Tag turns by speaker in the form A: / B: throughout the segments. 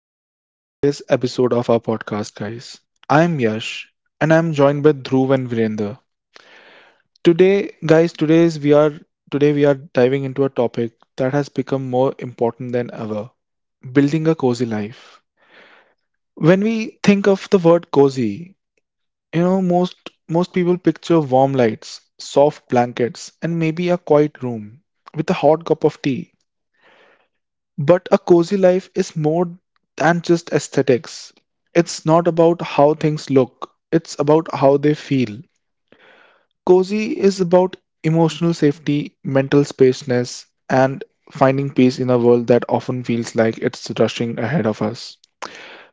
A: Welcome to today's episode of our podcast, guys. I'm Yash, and I'm joined by Dhruv and Virender. Today, guys, today's we are today we are diving into a topic that has become more important than ever: building a cozy life. When we think of the word cozy, most people picture warm lights, soft blankets, and maybe a quiet room with a hot cup of tea. But a cozy life is more than just aesthetics. It's not about how things look, it's about how they feel. Cozy is about emotional safety, mental spaceness, and finding peace in a world that often feels like it's rushing ahead of us.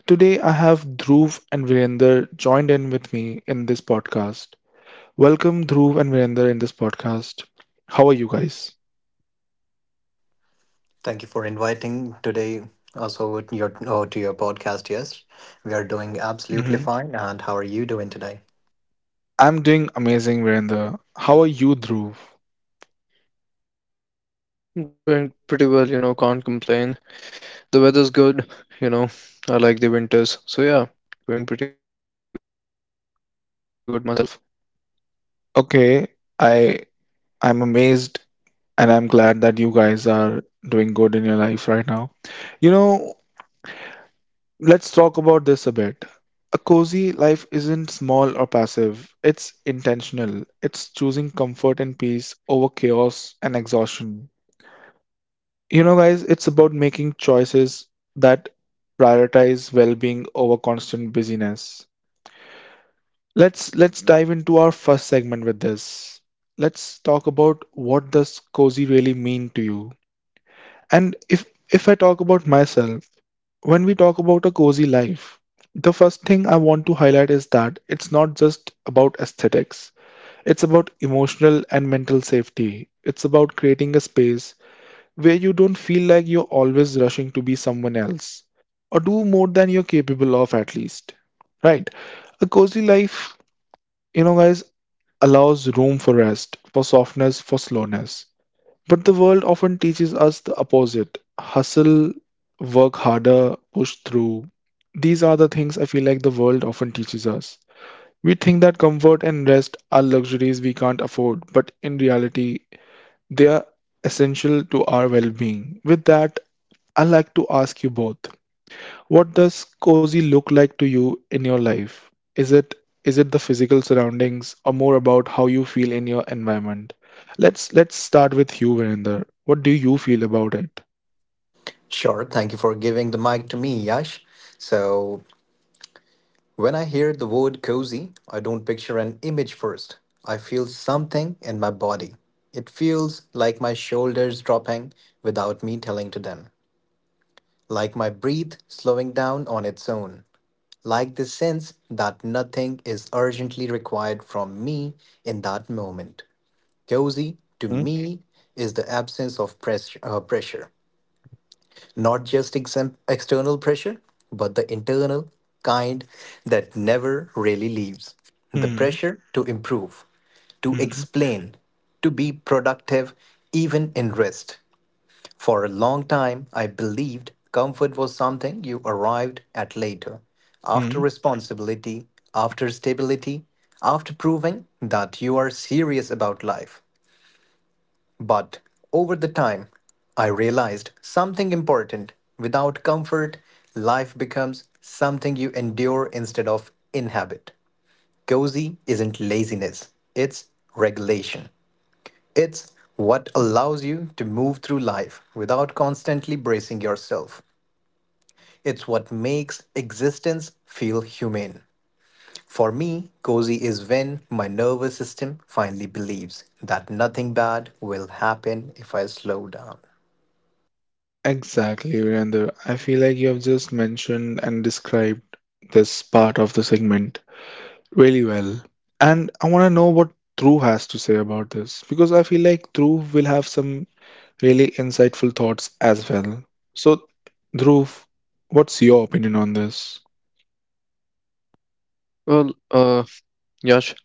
A: Today, I have Dhruv and Virender joined in with me in this podcast. Welcome, Dhruv and Virender, in this podcast. How are you guys?
B: Thank you for inviting today us over to your podcast. Yes, we are doing absolutely
A: Hmm.
B: fine. And how are you doing today?
A: I'm doing amazing, Virender. How are you, Dhruv?
C: Doing pretty well, you know, can't complain. The weather's good, you know. I like the winters. So yeah, doing pretty good myself.
A: Okay, I I'm amazed and I'm glad that you guys are doing good in your life right now. You know, let's talk about this a bit. A cozy life isn't small or passive. It's intentional. It's choosing comfort and peace over chaos and exhaustion. You know, guys, it's about making choices that prioritize well-being over constant busyness. Let's dive into our first segment with this. Let's talk about what does cozy really mean to you. And if I talk about myself, when we talk about a cozy life, the first thing I want to highlight is that it's not just about aesthetics. It's about emotional and mental safety. It's about creating a space where you don't feel like you're always rushing to be someone else or do more than you're capable of at least. Right? A cozy life, guys, allows room for rest, for softness, for slowness. But the world often teaches us the opposite hustle, work harder, push through. These are the things I feel like the world often teaches us. We think that comfort and rest are luxuries we can't afford, but in reality, they are essential to our well being. With that, I like to ask you both what does cozy look like to you in your life? Is it is it the physical surroundings or more about how you feel in your environment? Let's start with you, Virender. What do you feel about it?
B: Sure. Thank you for giving the mic to me, Yash. So when I hear the word cozy, I don't picture an image first. I feel something in my body. It feels like my shoulders dropping without me telling to them. Like my breath slowing down on its own, like the sense that nothing is urgently required from me in that moment. Cozy, to
A: Hmm.
B: me, is the absence of pressure, not just external pressure, but the internal kind that never really leaves. The
A: Hmm.
B: pressure to improve, to explain, to be productive, even in rest. For a long time, I believed comfort was something you arrived at later, after
A: Hmm.
B: responsibility, after stability, after proving that you are serious about life. But over the time, I realized something important. Without comfort, life becomes something you endure instead of inhabit. Cozy isn't laziness, it's regulation. It's what
A: Hmm.
B: allows you to move through life without constantly bracing yourself. It's what makes existence feel humane. For me, cozy is when my nervous system finally believes that nothing bad will happen if I slow down.
A: Exactly, Virender. I feel like you have just mentioned and described this part of the segment. Really well. And I want to know what Dhruv has to say about this because I feel like Dhruv will have some really insightful thoughts as well. So, Dhruv, what's your opinion on this?
C: Well, uh, Yash,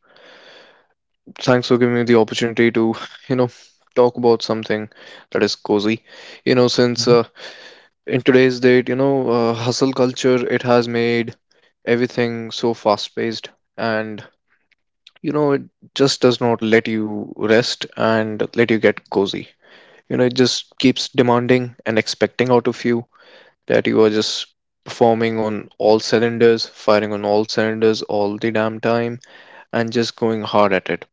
C: thanks for giving me the opportunity to, you know, talk about something that is cozy. You know,
A: Mhm.
C: since in today's date, hustle culture, it has made everything so fast-paced and, you know, it just does not let you rest and let you get cozy. You know, it just keeps demanding and expecting out of you that you are just performing on all cylinders, firing on all cylinders all the damn time, and just going hard at it.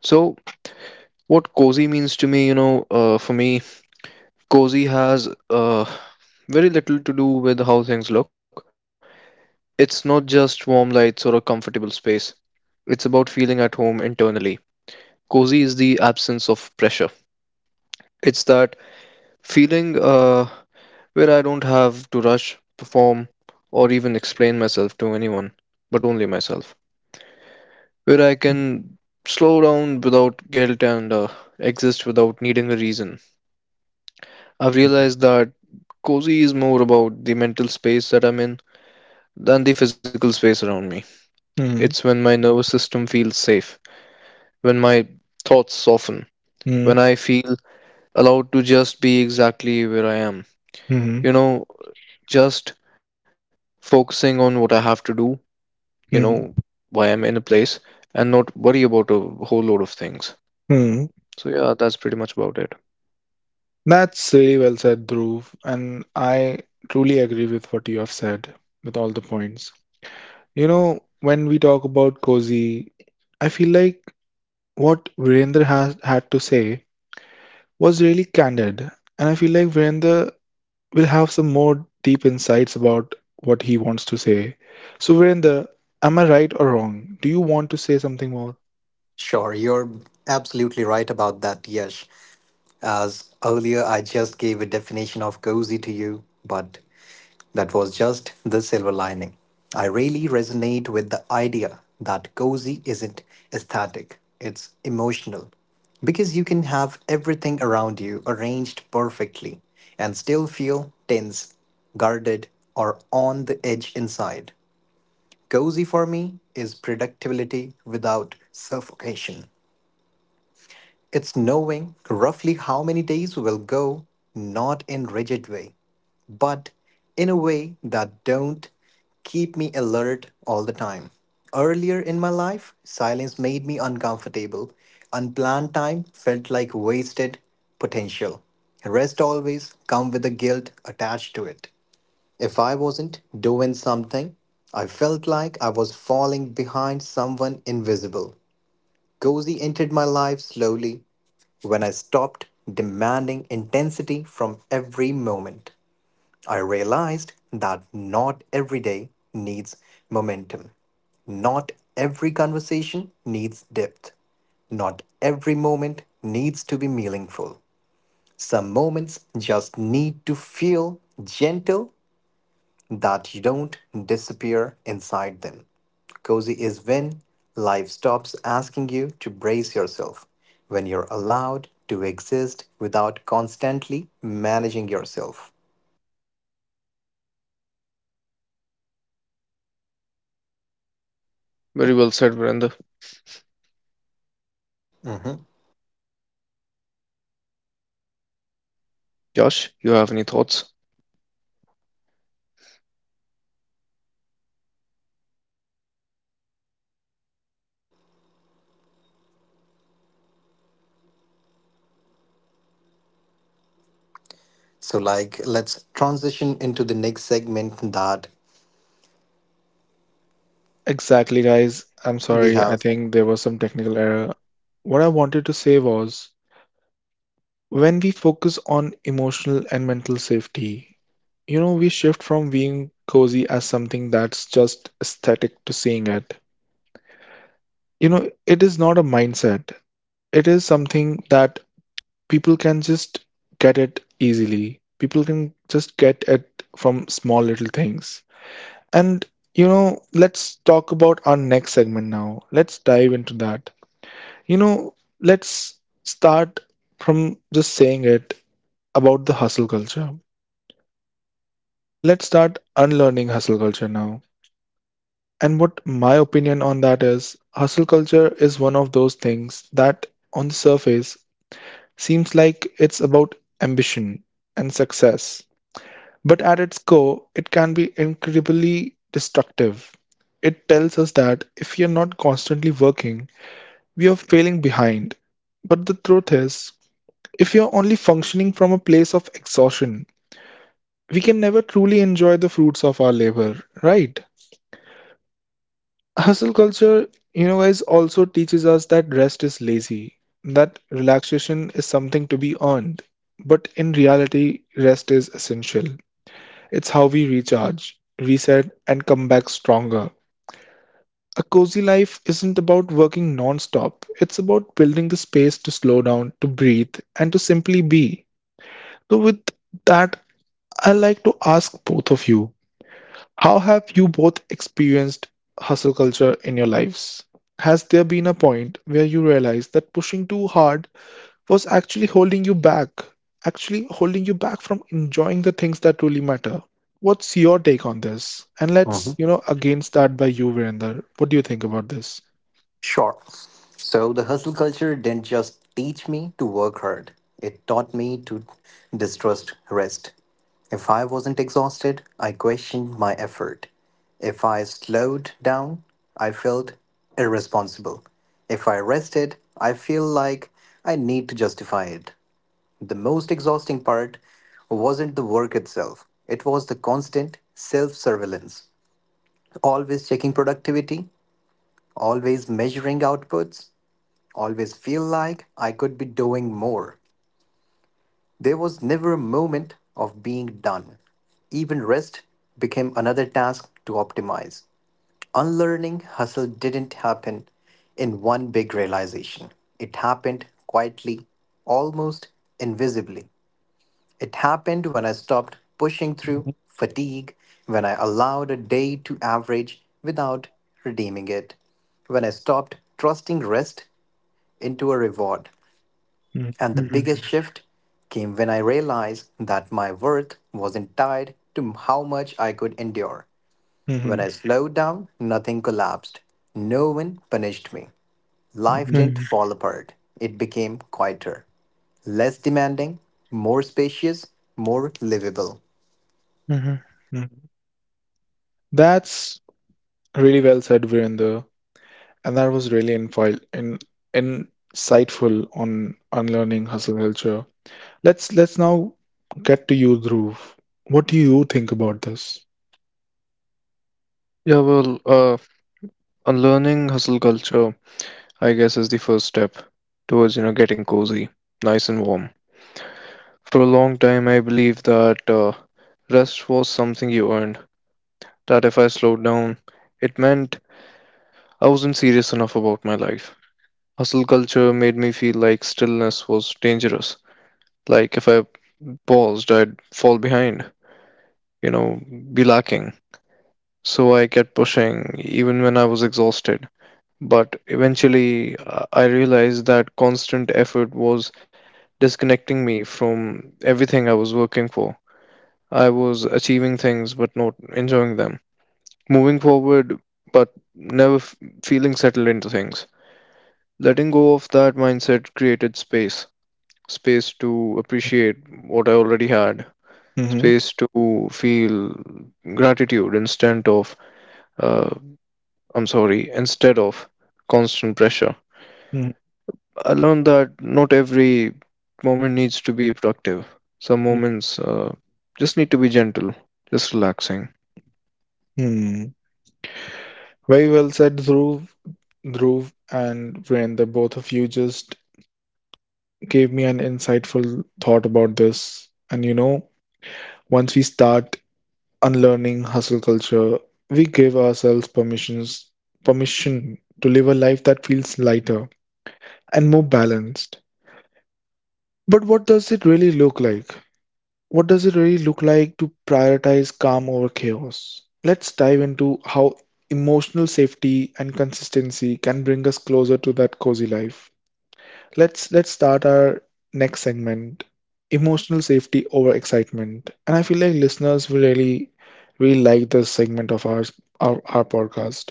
C: So, what cozy means to me, for me, cozy has very little to do with how things look. It's not just warm lights or a comfortable space, it's about feeling at home internally. Cozy is the absence of pressure. It's that feeling where I don't have to rush, perform, or even explain myself to anyone, but only myself. Where I can slow down without guilt and exist without needing a reason. I've realized that cozy is more about the mental space that I'm in than the physical space around me. It's
A: Hmm.
C: when my nervous system feels safe, when my thoughts soften,
A: Hmm.
C: when I feel allowed to just be exactly where I am. You
A: Hmm.
C: know, just focusing on what I have to do, you know,
A: Hmm.
C: why I'm in a place, and not worry about a whole load of things.
A: Hmm.
C: So, yeah, that's pretty much about it.
A: That's really well said, Dhruv. And I truly agree with what you have said with all the points. You know, when we talk about cozy, I feel like what Virendra has had to say was really candid. And I feel like Virender will have some more deep insights about what he wants to say. So, Virender, am I right or wrong? Do you want to say something more?
B: Sure, you're absolutely right about that, Yash. As earlier, I just gave a definition of cozy to you, but that was just the silver lining. I really resonate with the idea that cozy isn't aesthetic, it's emotional. Because you can have everything around you arranged perfectly and still feel tense, guarded, or on the edge inside. Cozy for me is predictability without suffocation. It's knowing roughly how many days will go, not in rigid way, but in a way that don't keep me alert all the time. Earlier in my life, silence made me uncomfortable. Unplanned time felt like wasted potential. Rest always come with the guilt attached to it. If I wasn't doing something, I felt like I was falling behind someone invisible. Cozy entered my life slowly, when I stopped demanding intensity from every moment, I realized that not every day needs momentum. Not every conversation needs depth. Not every moment needs to be meaningful. Some moments just need to feel gentle that you don't disappear inside them. Cozy is when life stops asking you to brace yourself, when you're allowed to exist without constantly managing yourself.
C: Very well said, Virender.
B: Mhm.
C: Josh, you have any thoughts?
B: So, let's transition into the next segment that
A: Exactly, guys. I'm
B: we
A: sorry. I
B: have.
A: think there was some technical error. What I wanted to say was when we focus on emotional and mental safety, we shift from being cozy as something that's just aesthetic to seeing it. You know, it is not a mindset, it is something that people can just get it easily. People can just get it from small little things. And, let's talk about our next segment now. Let's dive into that. You know, let's start from just saying it about the hustle culture. Let's start unlearning hustle culture now. And what my opinion on that is, hustle culture is one of those things that on the surface seems like it's about ambition and success. But at its core, it can be incredibly destructive. It tells us that if we are not constantly working, we are failing behind. But the truth is, if we are only functioning from a place of exhaustion, we can never truly enjoy the fruits of our labor, right? Hustle culture, guys, also teaches us that rest is lazy, that relaxation is something to be earned. But in reality, rest is essential. It's how we recharge, reset, and come back stronger. A cozy life isn't about working non-stop. It's about building the space to slow down, to breathe, and to simply be. So with that, I like to ask both of you, how have you both experienced hustle culture in your lives? Has there been a point where you realized that pushing too hard was actually holding you back, actually holding you back from enjoying the things that truly matter. What's your take on this? And let's, again start by you, Virender. What do you think about this?
B: Sure. So the hustle culture didn't just teach me to work hard, it taught me to distrust rest. If I wasn't exhausted, I questioned my effort. If I slowed down, I felt irresponsible. If I rested, I feel like I need to justify it. The most exhausting part wasn't the work itself, it was the constant self surveillance. Always checking productivity, always measuring outputs, always feel like I could be doing more. There was never a moment of being done. Even rest became another task to optimize. Unlearning hustle didn't happen in one big realization. It happened quietly, almost invisibly. It happened when I stopped pushing through
A: Mhm.
B: fatigue, when I allowed a day to average without redeeming it, when I stopped trusting rest into a reward, and the biggest
C: Mm-hmm.
B: shift came when I realized that my worth wasn't tied to how much I could endure. When
A: Mhm.
B: I slowed down, nothing collapsed. No one punished me. Life
A: Mhm.
B: didn't fall apart. It became quieter, less demanding, more spacious, more livable.
A: Mhm. That's really well said, Virender. And that was really insightful on unlearning hustle culture. Let's now get to you, Dhruv. What do you think about this?
C: Yeah, well, uh, Unlearning hustle culture, I guess, is the first step towards, you know, getting cozy, nice and warm. For a long time, I believed that rest was something you earned, that if I slowed down, it meant I wasn't serious enough about my life. Hustle culture made me feel like stillness was dangerous, like if I paused, I'd fall behind, you know, be lacking. So I kept pushing even when I was exhausted. But eventually, I realized that constant effort was disconnecting me from everything I was working for. I was achieving things but not enjoying them, moving forward but never f- feeling settled into things. Letting go of that mindset created space, space to appreciate what I already had,
A: Hmm.
C: space to feel gratitude uh, instead of constant pressure.
A: Hmm.
C: I learned that not every moment needs to be productive. Some moments just need to be gentle, just relaxing.
A: Very well said, Dhruv. Dhruv and Virender, both of you just gave me an insightful thought about this. And you know, once we start unlearning hustle culture, we give ourselves permission to live a life that feels lighter and more balanced. But what does it really look like? What does it really look like to prioritize calm over chaos? Let's dive into how emotional safety and consistency can bring us closer to that cozy life. Let's start our next segment, emotional safety over excitement. And I feel like listeners will really really like this segment of our podcast.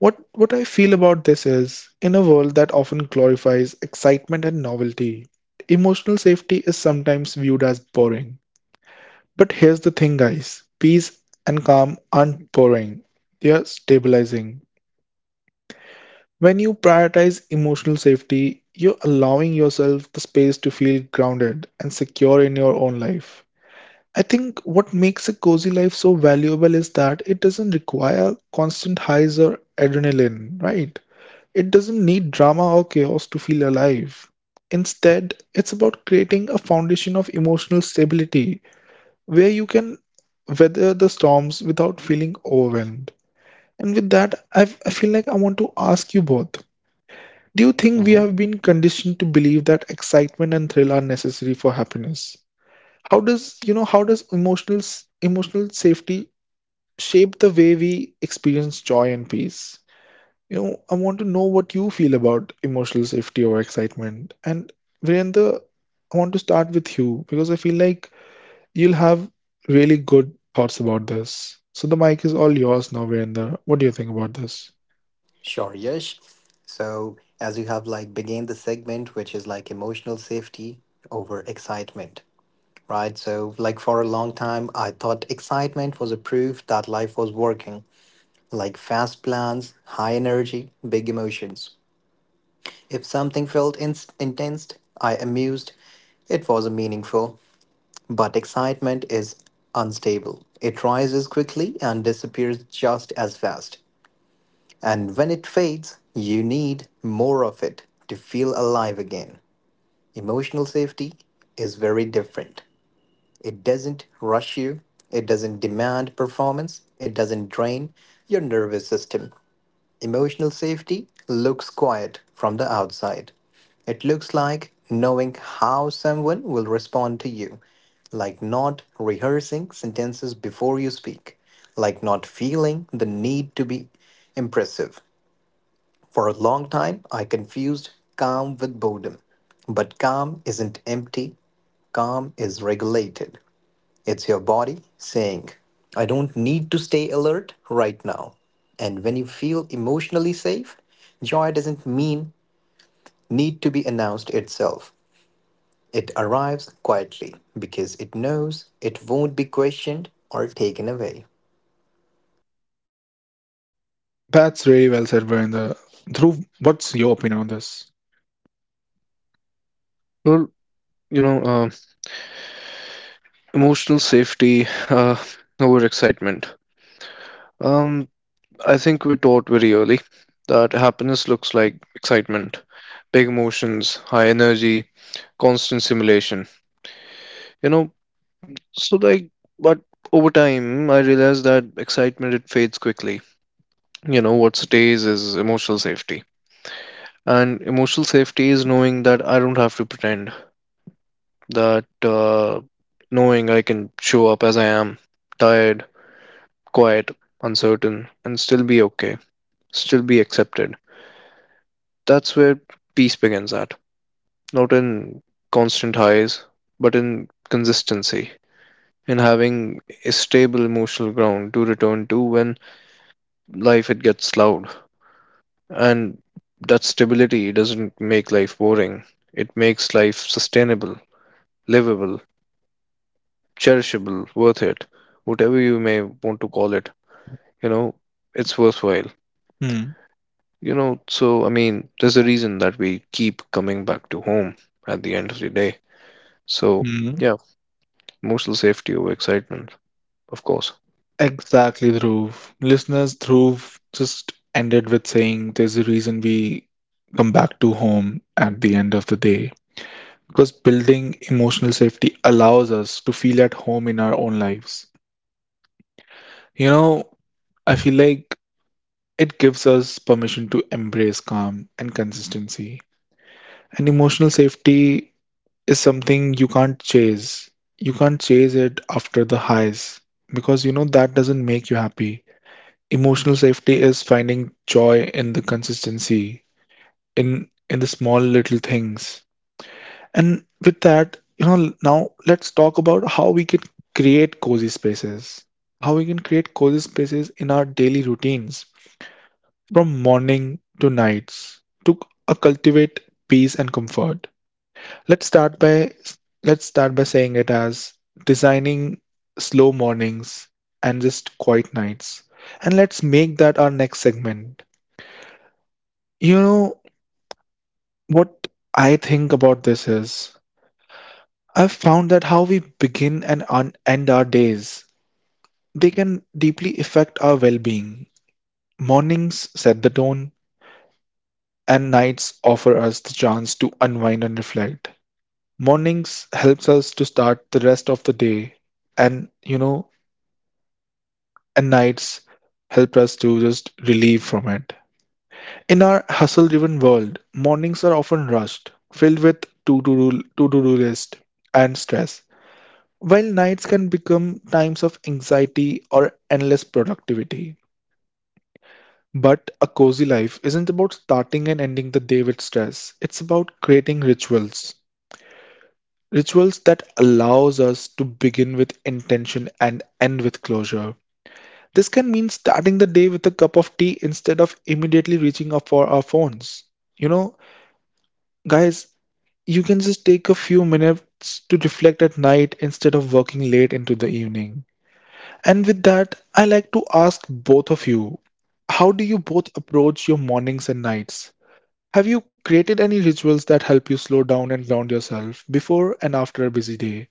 A: What I feel about this is in a world that often glorifies excitement and novelty, emotional safety is sometimes viewed as boring. But here's the thing, guys, peace and calm aren't boring, they are stabilizing. When you prioritize emotional safety, you're allowing yourself the space to feel grounded and secure in your own life. I think what makes a cozy life so valuable is that it doesn't require constant highs or adrenaline, right? It doesn't need drama or chaos to feel alive. Instead, it's about creating a foundation of emotional stability where you can weather the storms without feeling overwhelmed. And with that, I feel like I want to ask you both, do you think we
B: Hmm
A: have been conditioned to believe that excitement and thrill are necessary for happiness? How does you know how does emotional s- emotional safety shape the way we experience joy and peace? You know, I want to know what you feel about emotional safety or excitement. And Virendra, I want to start with you because I feel like you'll have really good thoughts about this. So the mic is all yours now, Virender. What do you think about this?
B: Sure, Yash. So, as you have began the segment, which is like emotional safety over excitement. Right? So, for a long time, I thought excitement was a proof that life was working, like fast plans, high energy, big emotions. If something felt intense, I amused, it wasn't meaningful. But excitement is unstable, it rises quickly and disappears just as fast. And when it fades, you need more of it to feel alive again. Emotional safety is very different. It doesn't rush you, it doesn't demand performance, it doesn't drain your nervous system. Emotional safety looks quiet from the outside. It looks like knowing how someone will respond to you, like not rehearsing sentences before you speak, like not feeling the need to be impressive. For a long time, I confused calm with boredom. But calm isn't empty, calm is regulated. It's your body saying, I don't need to stay alert right now. And when you feel emotionally safe, joy doesn't mean need to be announced itself. It arrives quietly because it knows it won't be questioned or taken away.
A: That's really well said, Virender. Dhruv, what's your opinion on this?
C: Well, you know, uh, Emotional safety over excitement. Um, I think we're taught very early that happiness looks like excitement, big emotions, high energy, constant stimulation. You know, so like, but over time, I realized that excitement it fades quickly. You know, what stays is emotional safety, and emotional safety is knowing that I don't have to pretend, that knowing I can show up as I am, tired, quiet, uncertain, and still be okay, still be accepted. That's where peace begins at. Not in constant highs, but in consistency, in having a stable emotional ground to return to when life it gets loud. And that stability doesn't make life boring. It makes life sustainable, livable, cherishable, worth it, whatever you may want to call it. You know, it's worthwhile.
A: Hmm.
C: You know, so I mean, there's a reason that we keep coming back to home at the end of the day. So,
A: Hmm.
C: yeah, emotional safety over excitement, of course.
A: Exactly, Dhruv. Listeners, Dhruv just ended with saying there's a reason we come back to home at the end of the day. Because building emotional safety allows us to feel at home in our own lives. You know, I feel like it gives us permission to embrace calm and consistency. And emotional safety is something you can't chase. You can't chase it after the highs because you know that doesn't make you happy. Emotional safety is finding joy in the consistency, in the small little things. And with that, now let's talk about how we can create cozy spaces. How we can create cozy spaces in our daily routines from morning to nights to cultivate peace and comfort. Let's start by let's start by saying it as designing slow mornings and just quiet nights. And let's make that our next segment. You know what I think about this is I've found that how we begin and end our days, they can deeply affect our well-being. Mornings set the tone and nights offer us the chance to unwind and reflect. Mornings helps us to start the rest of the day, and you know and nights help us to just relieve from it. In our hustle driven world, mornings are often rushed, filled with to do list and stress, while nights can become times of anxiety or endless productivity. But a cozy life isn't about starting and ending the day with stress, it's about creating rituals that allows us to begin with intention and end with closure. This can mean starting the day with a cup of tea instead of immediately reaching up for our phones. You know, guys, you can just take a few minutes to reflect at night instead of working late into the evening. And with that, I like to ask both of you, how do you both approach your mornings and nights? Have you created any rituals that help you slow down and ground yourself before and after a busy day?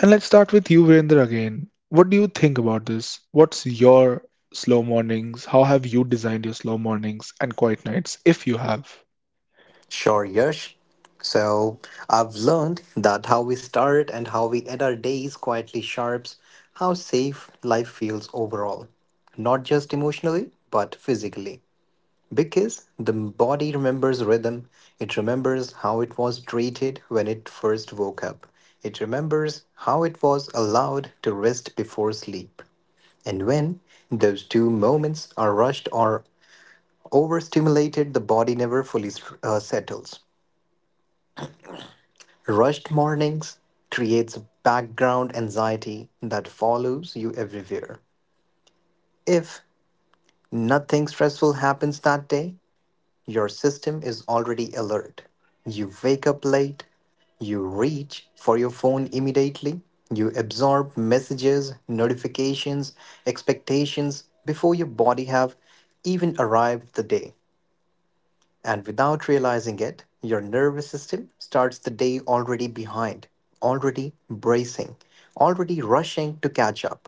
A: And let's start with you, Virender, again. What do you think about this? What's your slow mornings? How have you designed your slow mornings and quiet nights, if you have?
B: Sure, Yash. So I've learned that how we start and how we end our days quietly sharps how safe life feels overall, not just emotionally, but physically. Because the body remembers rhythm, it remembers how it was treated when it first woke up, it remembers how it was allowed to rest before sleep. And when those two moments are rushed or overstimulated, the body never fully settles. Rushed mornings creates background anxiety that follows you everywhere. If nothing stressful happens that day, your system is already alert. You wake up late, you reach for your phone immediately, you absorb messages, notifications, expectations before your body have even arrived the day. And without realizing it, your nervous system starts the day already behind, already bracing, already rushing to catch up.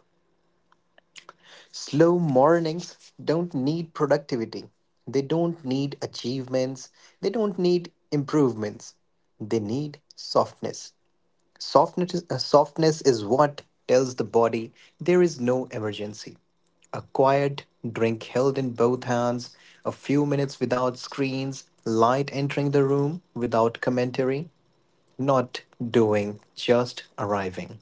B: Slow mornings don't need productivity. They don't need achievements. They don't need improvements. They need softness. Softness is what tells the body there is no emergency. A quiet drink held in both hands, a few minutes without screens, light entering the room without commentary, not doing, just arriving.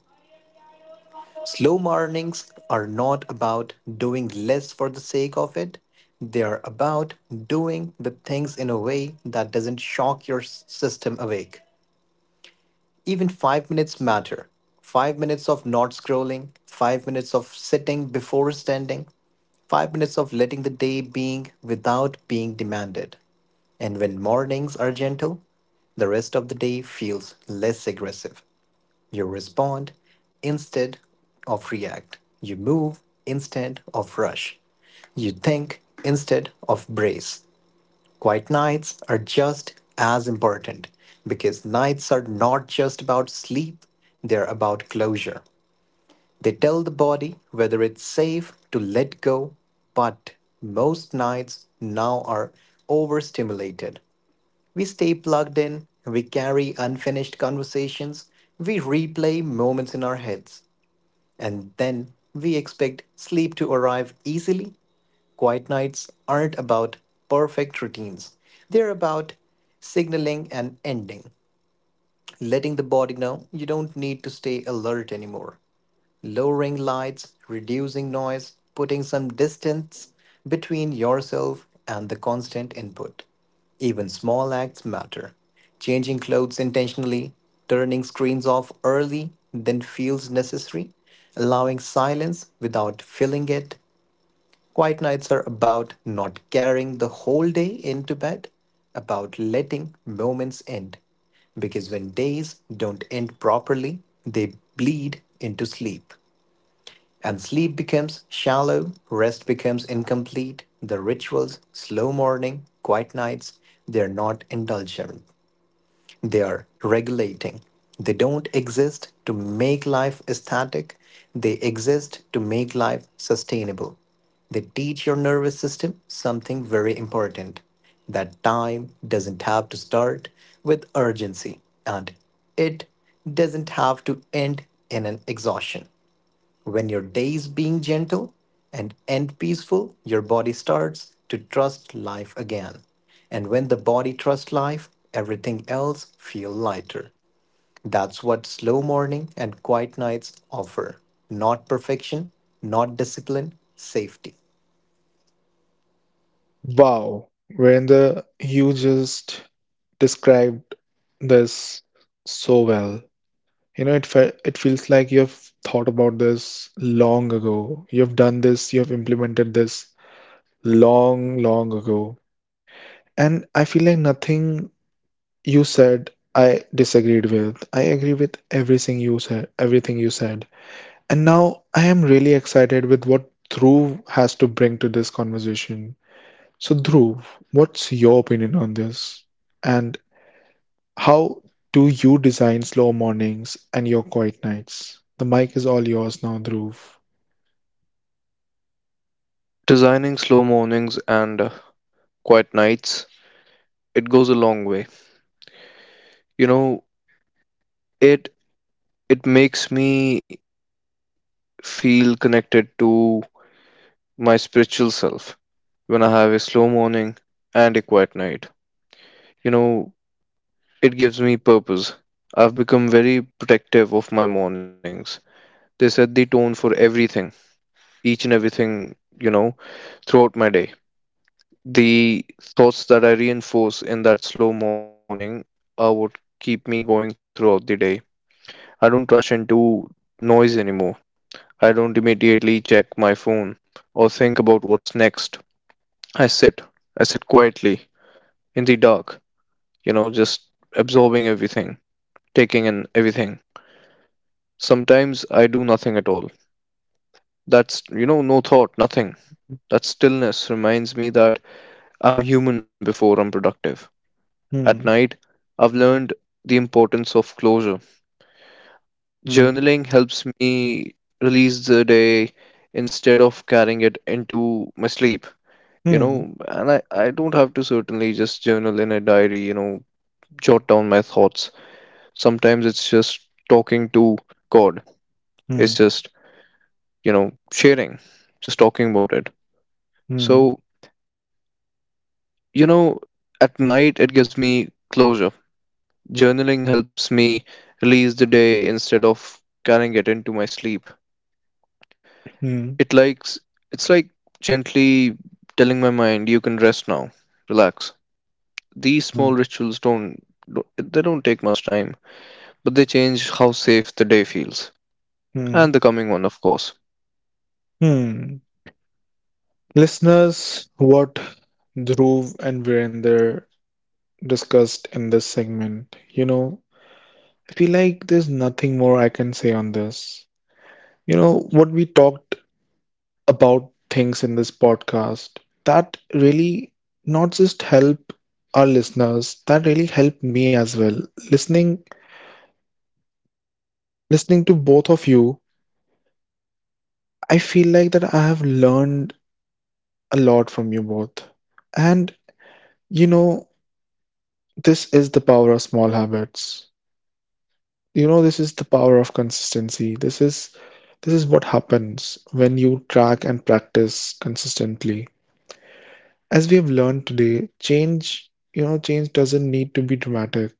B: Slow mornings are not about doing less for the sake of it. They are about doing the things in a way that doesn't shock your system awake. Even 5 minutes matter. 5 minutes of not scrolling, 5 minutes of sitting before standing, 5 minutes of letting the day being without being demanded. And when mornings are gentle, the rest of the day feels less aggressive. You respond instead of react. You move instead of rush. You think instead of brace. Quiet nights are just as important because nights are not just about sleep, they're about closure. They tell the body whether it's safe to let go, but most nights now are overstimulated. We stay plugged in, we carry unfinished conversations, we replay moments in our heads, and then we expect sleep to arrive easily. Quiet nights aren't about perfect routines, they're about signaling an ending, letting the body know you don't need to stay alert anymore. Lowering lights, reducing noise, putting some distance between yourself and the constant input. Even small acts matter. Changing clothes intentionally, turning screens off early than feels necessary, allowing silence without filling it. Quiet nights are about not carrying the whole day into bed, about letting moments end. Because when days don't end properly, they bleed into sleep. And sleep becomes shallow, rest becomes incomplete. The rituals, slow morning, quiet nights, they're not indulgent. They are regulating. They don't exist to make life static, they exist to make life sustainable. They teach your nervous system something very important, that time doesn't have to start with urgency and it doesn't have to end in an exhaustion. When your day is being gentle and end peaceful, your body starts to trust life again. And when the body trusts life, everything else feel lighter. That's what slow morning and quiet nights offer. Not perfection, not discipline, safety.
A: Wow, Virender, you just described this so well. You know, it feels like you've thought about this long ago. You've done this, you've implemented this long, long ago. And I feel like nothing you said I disagreed with. I agree with everything you said, everything you said. And now I am really excited with what Dhruv has to bring to this conversation. So Dhruv, what's your opinion on this? And how do you design slow mornings and your quiet nights? The mic is all yours now, Dhruv.
C: Designing slow mornings and quiet nights, it goes a long way. You know, it it makes me feel connected to my spiritual self when I have a slow morning and a quiet night. You know, it gives me purpose. I've become very protective of my mornings. They set the tone for everything, each and everything, you know, throughout my day. The thoughts that I reinforce in that slow morning are what keep me going throughout the day. I don't rush into noise anymore. I don't immediately check my phone or think about what's next. I sit. I sit quietly in the dark, you know, just absorbing everything, taking in everything. Sometimes I do nothing at all. That's, you know, no thought, nothing. That stillness reminds me that I'm human before I'm productive. At
A: Hmm.
C: night, I've learned the importance of closure.
A: Hmm.
C: Journaling helps me release the day instead of carrying it into my sleep, you
A: Hmm.
C: know, and I don't have to certainly just journal in a diary, you know, jot down my thoughts. Sometimes it's just talking to God, it's
A: Hmm.
C: just, you know, sharing, just talking about it.
A: Hmm.
C: So, you know, at night, it gives me closure. Journaling helps me release the day instead of carrying it into my sleep.
A: Hmm.
C: It likes it's like gently telling my mind you can rest now, relax. These
A: Hmm.
C: small rituals don't- they don't take much time, but they change how safe the day feels
A: Hmm.
C: and the coming one, of course.
A: Hmm. Listeners, what Dhruv and Virender discussed in this segment. You know, I feel like there's nothing more I can say on this. You know, what we talked about things in this podcast that really not just help our listeners, that really helped me as well. Listening listening to both of you, I feel like that I have learned a lot from you both. And you know, this is the power of small habits. You know, this is the power of consistency. This is what happens when you track and practice consistently, as we have learned today, change you know change doesn't need to be dramatic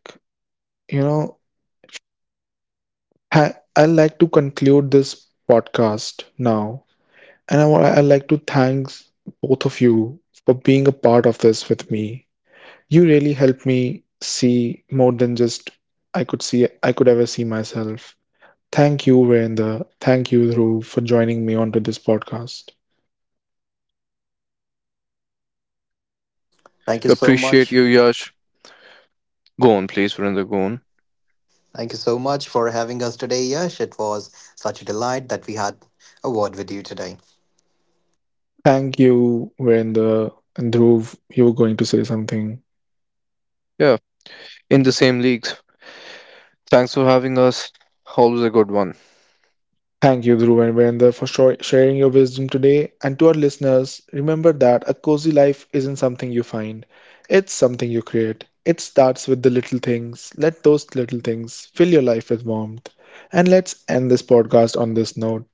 A: you know I like to conclude this podcast now, and I like to thank both of you for being a part of this with me. You really helped me see more than just I could ever see myself. Thank you, Virender. Thank you, Dhruv, for joining me onto this podcast.
B: Thank you so
C: Appreciate you,
B: much.
C: Yash. Go on, please, Vrinda, go on.
B: Thank you so much for having us today, Yash. It was such a delight that we had a word with you today.
A: Thank you, Virender. And Dhruv, you were going to say something.
C: Yeah, in the same leagues. Thanks for having us. Always a good one.
A: Thank you, Dhruv and Virender, for sharing your wisdom today. And to our listeners, remember that a cozy life isn't something you find, it's something you create. It starts with the little things. Let those little things fill your life with warmth. And let's end this podcast on this note.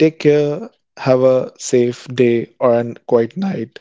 A: Take care, have a safe day or a quiet night.